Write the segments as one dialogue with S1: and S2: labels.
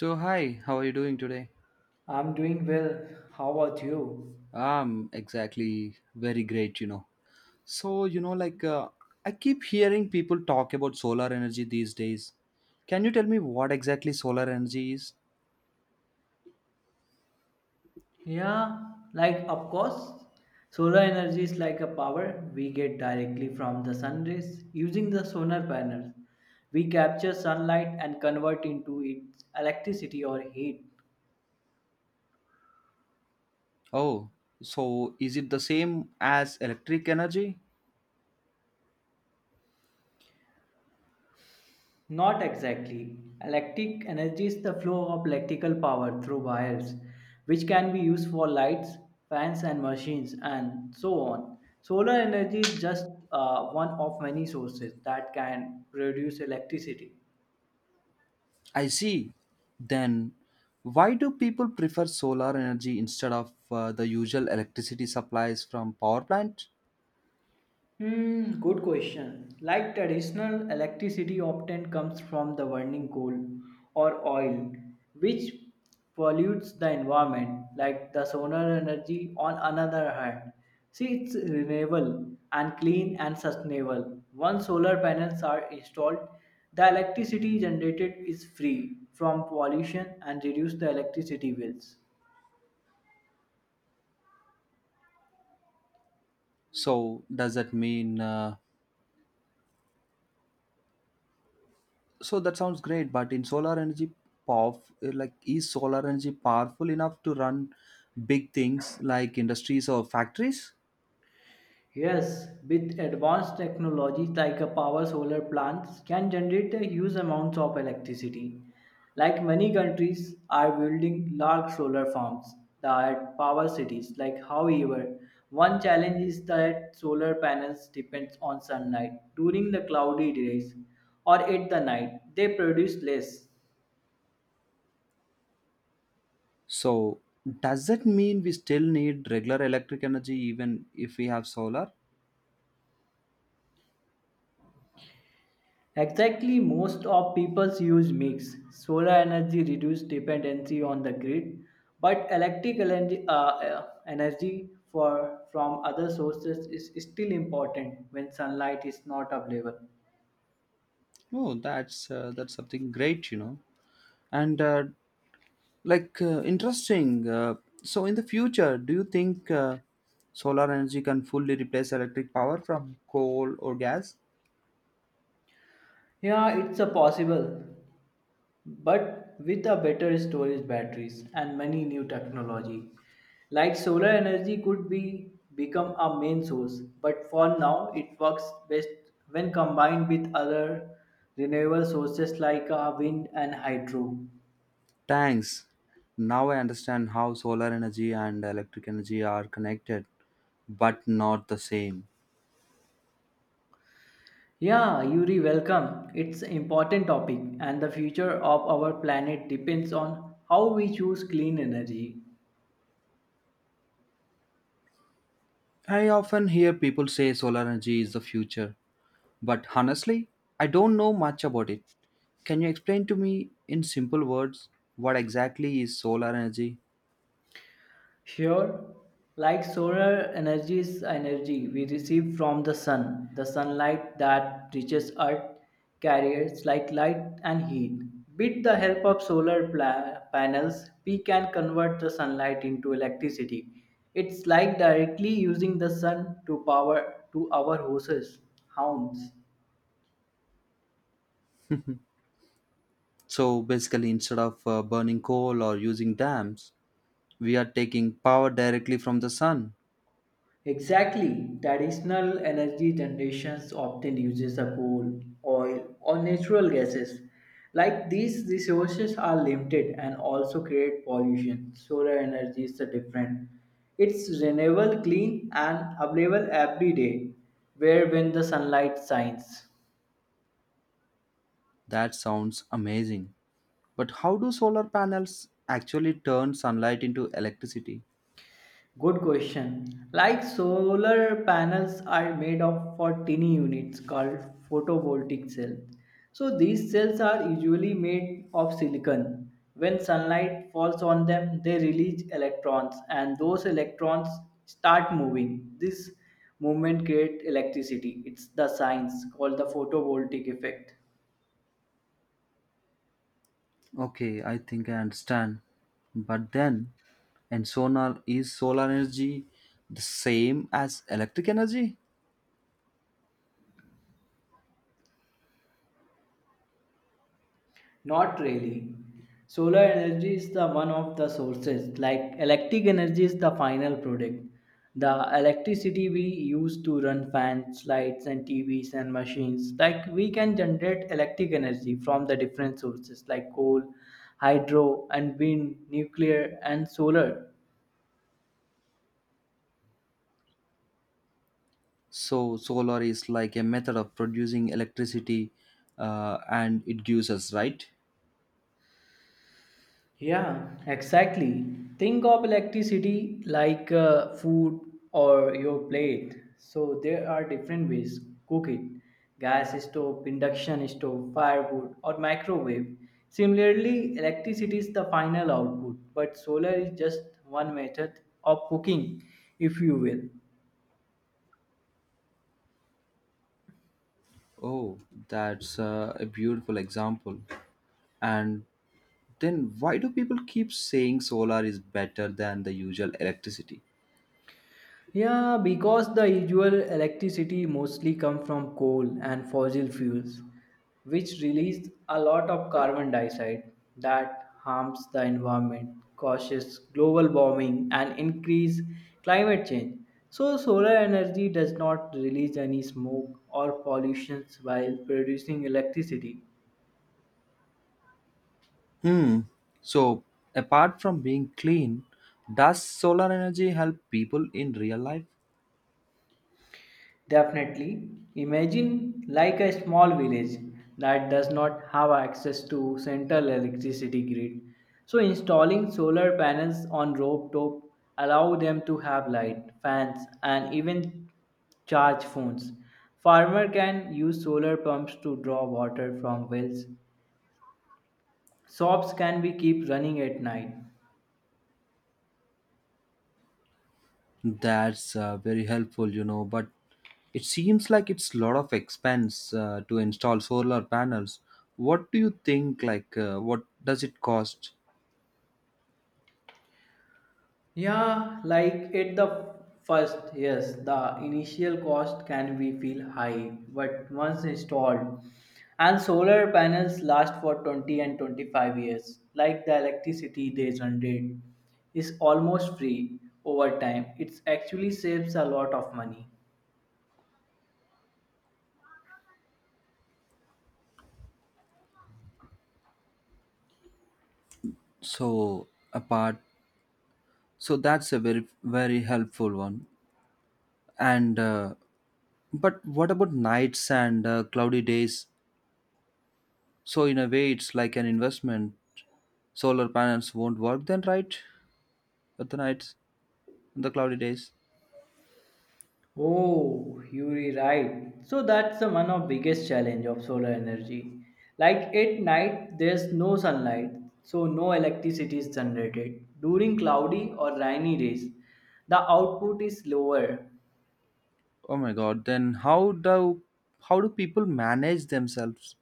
S1: So, hi, how are you doing today?
S2: I'm doing well. How about you?
S1: I'm exactly very great, you know. So, you know, like uh, I keep hearing people talk about solar energy these days. Can you tell me what exactly solar energy is?
S2: Yeah, like of course, solar energy is like a power we get directly from the sun rays using the solar panels. We capture sunlight and convert into its electricity or heat.
S1: Oh, so is it the same as electric energy?
S2: Not exactly. Electric energy is the flow of electrical power through wires, which can be used for lights, fans, and machines, and so on. Solar energy is just one of many sources that can produce electricity.
S1: I see. Then, why do people prefer solar energy instead of the usual electricity supplies from power plant?
S2: Hmm, good question. Like traditional electricity often comes from the burning coal or oil, which pollutes the environment, like the solar energy on another hand. See, it's renewable and clean and sustainable. Once solar panels are installed, the electricity generated is free from pollution and reduce the electricity bills.
S1: So, does that mean uh, So that sounds great, but in solar energy power, like is solar energy powerful enough to run big things like industries or factories?
S2: Yes, with advanced technology like a power solar plants can generate a huge amounts of electricity. Like many countries are building large solar farms that power cities. Like however, one challenge is that solar panels depends on sunlight during the cloudy days or at the night. They produce less.
S1: So does that mean we still need regular electric energy even if we have solar?
S2: Exactly, most of people's use mix. Solar energy reduces dependency on the grid, but electric energy, energy for from other sources is still important when sunlight is not available.
S1: Oh, that's something great, you know. And like interesting. So in the future, do you think solar energy can fully replace electric power from coal or gas?
S2: Yeah, it's a possible, but with a better storage batteries and many new technology like solar energy could be become a main source, but for now it works best when combined with other renewable sources like wind and hydro.
S1: Thanks. Now I understand how solar energy and electric energy are connected, but not the same.
S2: Yeah, Yuri, welcome. It's an important topic and the future of our planet depends on how we choose clean energy.
S1: I often hear people say solar energy is the future, but honestly, I don't know much about it. Can you explain to me in simple words what exactly is solar energy?
S2: Sure, like solar energy is energy we receive from the sun. The sunlight that reaches Earth carriers like light and heat. With the help of panels, we can convert the sunlight into electricity. It's like directly using the sun to power to our houses, homes.
S1: So basically, instead of burning coal or using dams, we are taking power directly from the sun.
S2: Exactly. Traditional energy generations often uses the coal, oil, or natural gases. Like these resources are limited and also create pollution. Solar energy is the different. It's renewable, clean, and available every day, where when the sunlight shines.
S1: That sounds amazing. But how do solar panels actually turn sunlight into electricity?
S2: Good question. Like solar panels are made of for tiny units called photovoltaic cells. So these cells are usually made of silicon. When sunlight falls on them, they release electrons and those electrons start moving. This movement creates electricity. It's the science called the photovoltaic effect.
S1: Okay, I think I understand. But then, and solar is solar energy the same as electric energy?
S2: Not really. Solar energy is the one of the sources. Like electric energy is the final product. The electricity we use to run fans, lights, and TVs and machines. Like we can generate electric energy from the different sources like coal, hydro, and wind, nuclear, and solar.
S1: So solar is like a method of producing electricity, and it gives us right.
S2: Yeah, exactly. Think of electricity like food or your plate. So there are different ways cook it. Gas stove, induction stove, firewood or microwave. Similarly, electricity is the final output, but solar is just one method of cooking, if you will.
S1: Oh, that's a beautiful example. And then why do people keep saying solar is better than the usual electricity?
S2: Yeah, because the usual electricity mostly come from coal and fossil fuels, which release a lot of carbon dioxide that harms the environment, causes global warming and increase climate change. So solar energy does not release any smoke or pollutions while producing electricity.
S1: Hmm. So, apart from being clean, does solar energy help people in real life?
S2: Definitely. Imagine like a small village that does not have access to central electricity grid. So installing solar panels on rooftop allow them to have light, fans and even charge phones. Farmer can use solar pumps to draw water from wells. Shops can be keep running at night.
S1: That's Very helpful, you know, but it seems like it's a lot of expense to install solar panels. What do you think? What does it cost?
S2: Yeah, like at the first, yes, the initial cost can be feel high, but once installed, and solar panels last for 20 and 25 years. Like the electricity they generate is almost free over time. It actually saves a lot of money.
S1: So, apart, so that's a very, very helpful one. And, uh, but what about nights and cloudy days? So, in a way, it's like an investment. Solar panels won't work then, right? At the nights, on the cloudy days.
S2: Oh, you're right. So that's the one of biggest challenge of solar energy. Like at night, there's no sunlight, so no electricity is generated. During cloudy or rainy days, the output is lower.
S1: Oh my god, then how do people manage themselves?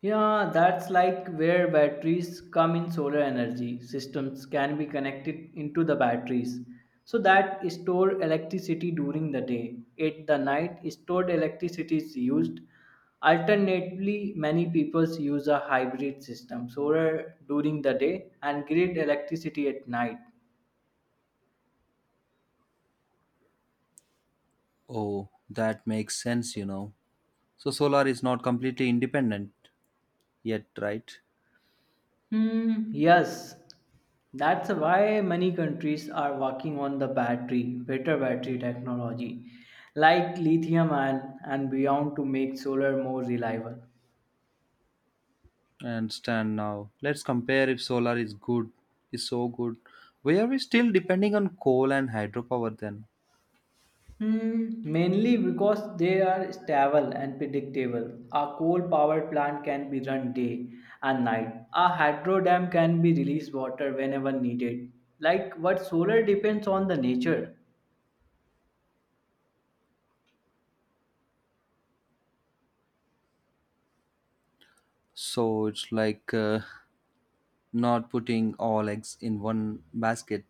S2: Yeah, that's like where batteries come in. Solar energy systems can be connected into the batteries so that store electricity during the day. At the night, stored electricity is used. Alternatively, many people use a hybrid system solar during the day and grid electricity at night.
S1: Oh, that makes sense, you know. So solar is not completely independent yet, right?
S2: Hmm, yes, that's why many countries are working on the battery, better battery technology, like lithium ion and beyond to make solar more reliable.
S1: I understand now. Let's compare. If solar is good is so good, why are we still depending on coal and hydropower then?
S2: Hmm, mainly because they are stable and predictable. A coal power plant can be run day and night. A hydro dam can be release water whenever needed. Like what solar depends on the nature.
S1: So it's like not putting all eggs in one basket.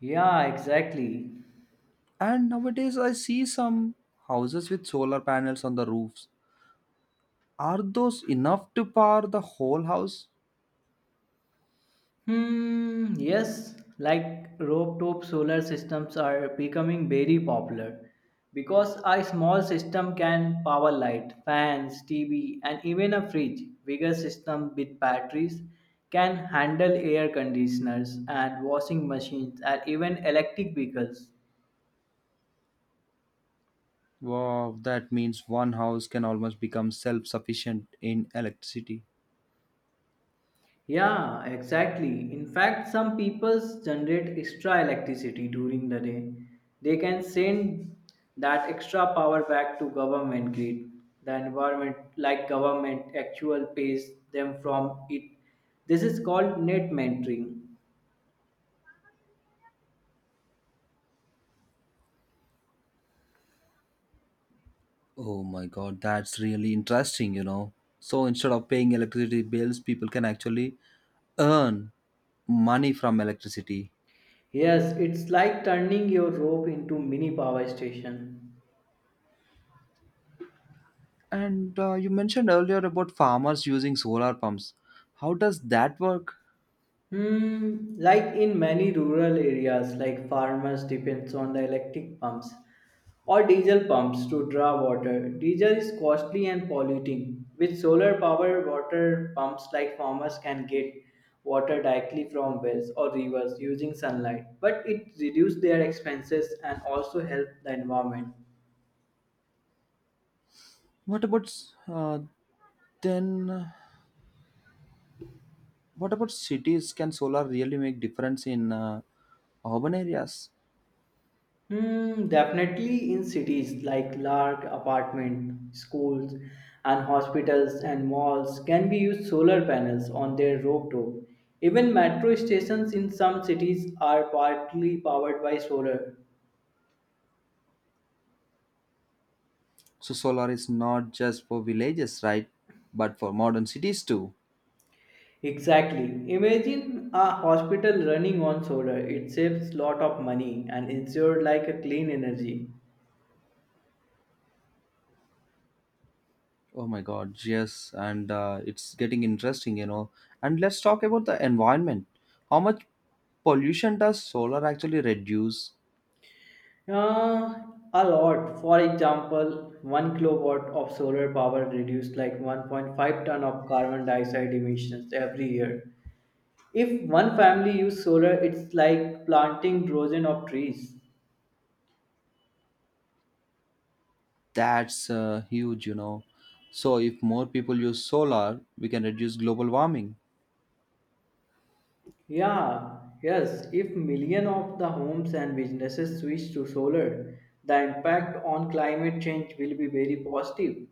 S2: Yeah, exactly.
S1: And nowadays I see some houses with solar panels on the roofs. Are those enough to power the whole house?
S2: Hmm, yes, like rooftop solar systems are becoming very popular because a small system can power light, fans, TV, and even a fridge. Bigger system with batteries can handle air conditioners and washing machines and even electric vehicles.
S1: Wow, that means one house can almost become self sufficient in electricity.
S2: Yeah, exactly. In fact, some peoples generate extra electricity during the day. They can send that extra power back to government grid. The environment, like government, actual pays them from it. This is called net mentoring.
S1: Oh my god, that's really interesting, you know. So instead of paying electricity bills, people can actually earn money from electricity.
S2: Yes, it's like turning your rope into mini power station.
S1: And you mentioned earlier about farmers using solar pumps. How does that work?
S2: Hmm, like in many rural areas, like farmers depends on the electric pumps or diesel pumps to draw water. Diesel is costly and polluting. With solar power water pumps like farmers can get water directly from wells or rivers using sunlight. But it reduces their expenses and also help the environment.
S1: What about uh, then? What about cities? Can solar really make difference in urban areas?
S2: Hmm, definitely in cities like large apartment, schools, and hospitals and malls can be used solar panels on their rooftop. Even metro stations in some cities are partly powered by solar.
S1: So solar is not just for villages, right? But for modern cities too.
S2: Exactly. Imagine a hospital running on solar. It saves lot of money and ensures like a clean energy.
S1: Oh my God, yes, and it's getting interesting, you know. And let's talk about the environment. How much pollution does solar actually reduce?
S2: Uh, a lot. For example, 1 kilowatt of solar power reduced like 1.5 ton of carbon dioxide emissions every year. If one family used solar, it's like planting dozen of trees.
S1: That's Huge, you know. So if more people use solar, we can reduce global warming.
S2: Yeah, yes. If million of the homes and businesses switch to solar, the impact on climate change will be very positive.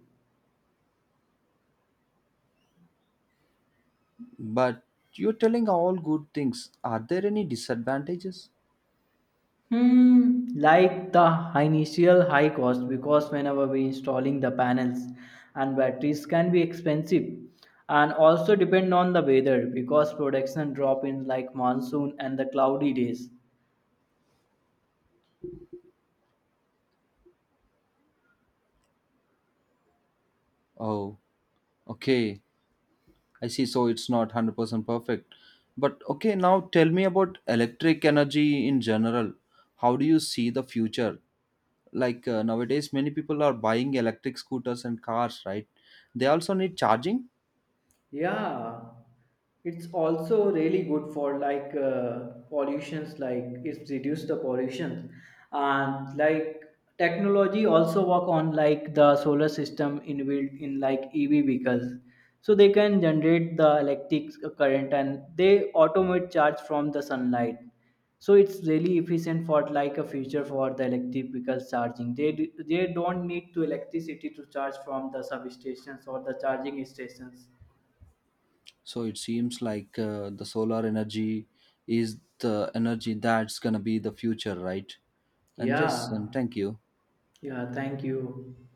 S1: But you're telling all good things. Are there any disadvantages?
S2: Hmm, like the initial high cost because whenever we installing the panels and batteries can be expensive and also depend on the weather because production drop in like monsoon and the cloudy days.
S1: Oh, okay. I see. So it's not 100% perfect. But okay, now tell me about electric energy in general. How do you see the future? Like nowadays, many people are buying electric scooters and cars, right? They also need charging.
S2: Yeah, it's also really good for like pollutions, like it's reduced the pollution, and like technology also work on like the solar system inbuilt in like EV vehicles, so they can generate the electric current and they automate charge from the sunlight. So it's really efficient for like a future for the electric vehicles charging. They don't need to electricity to charge from the substations or the charging stations.
S1: So it seems like the solar energy is the energy that's going to be the future, right? And yes, and
S2: Yeah,
S1: thank you.
S2: yeah, thank you.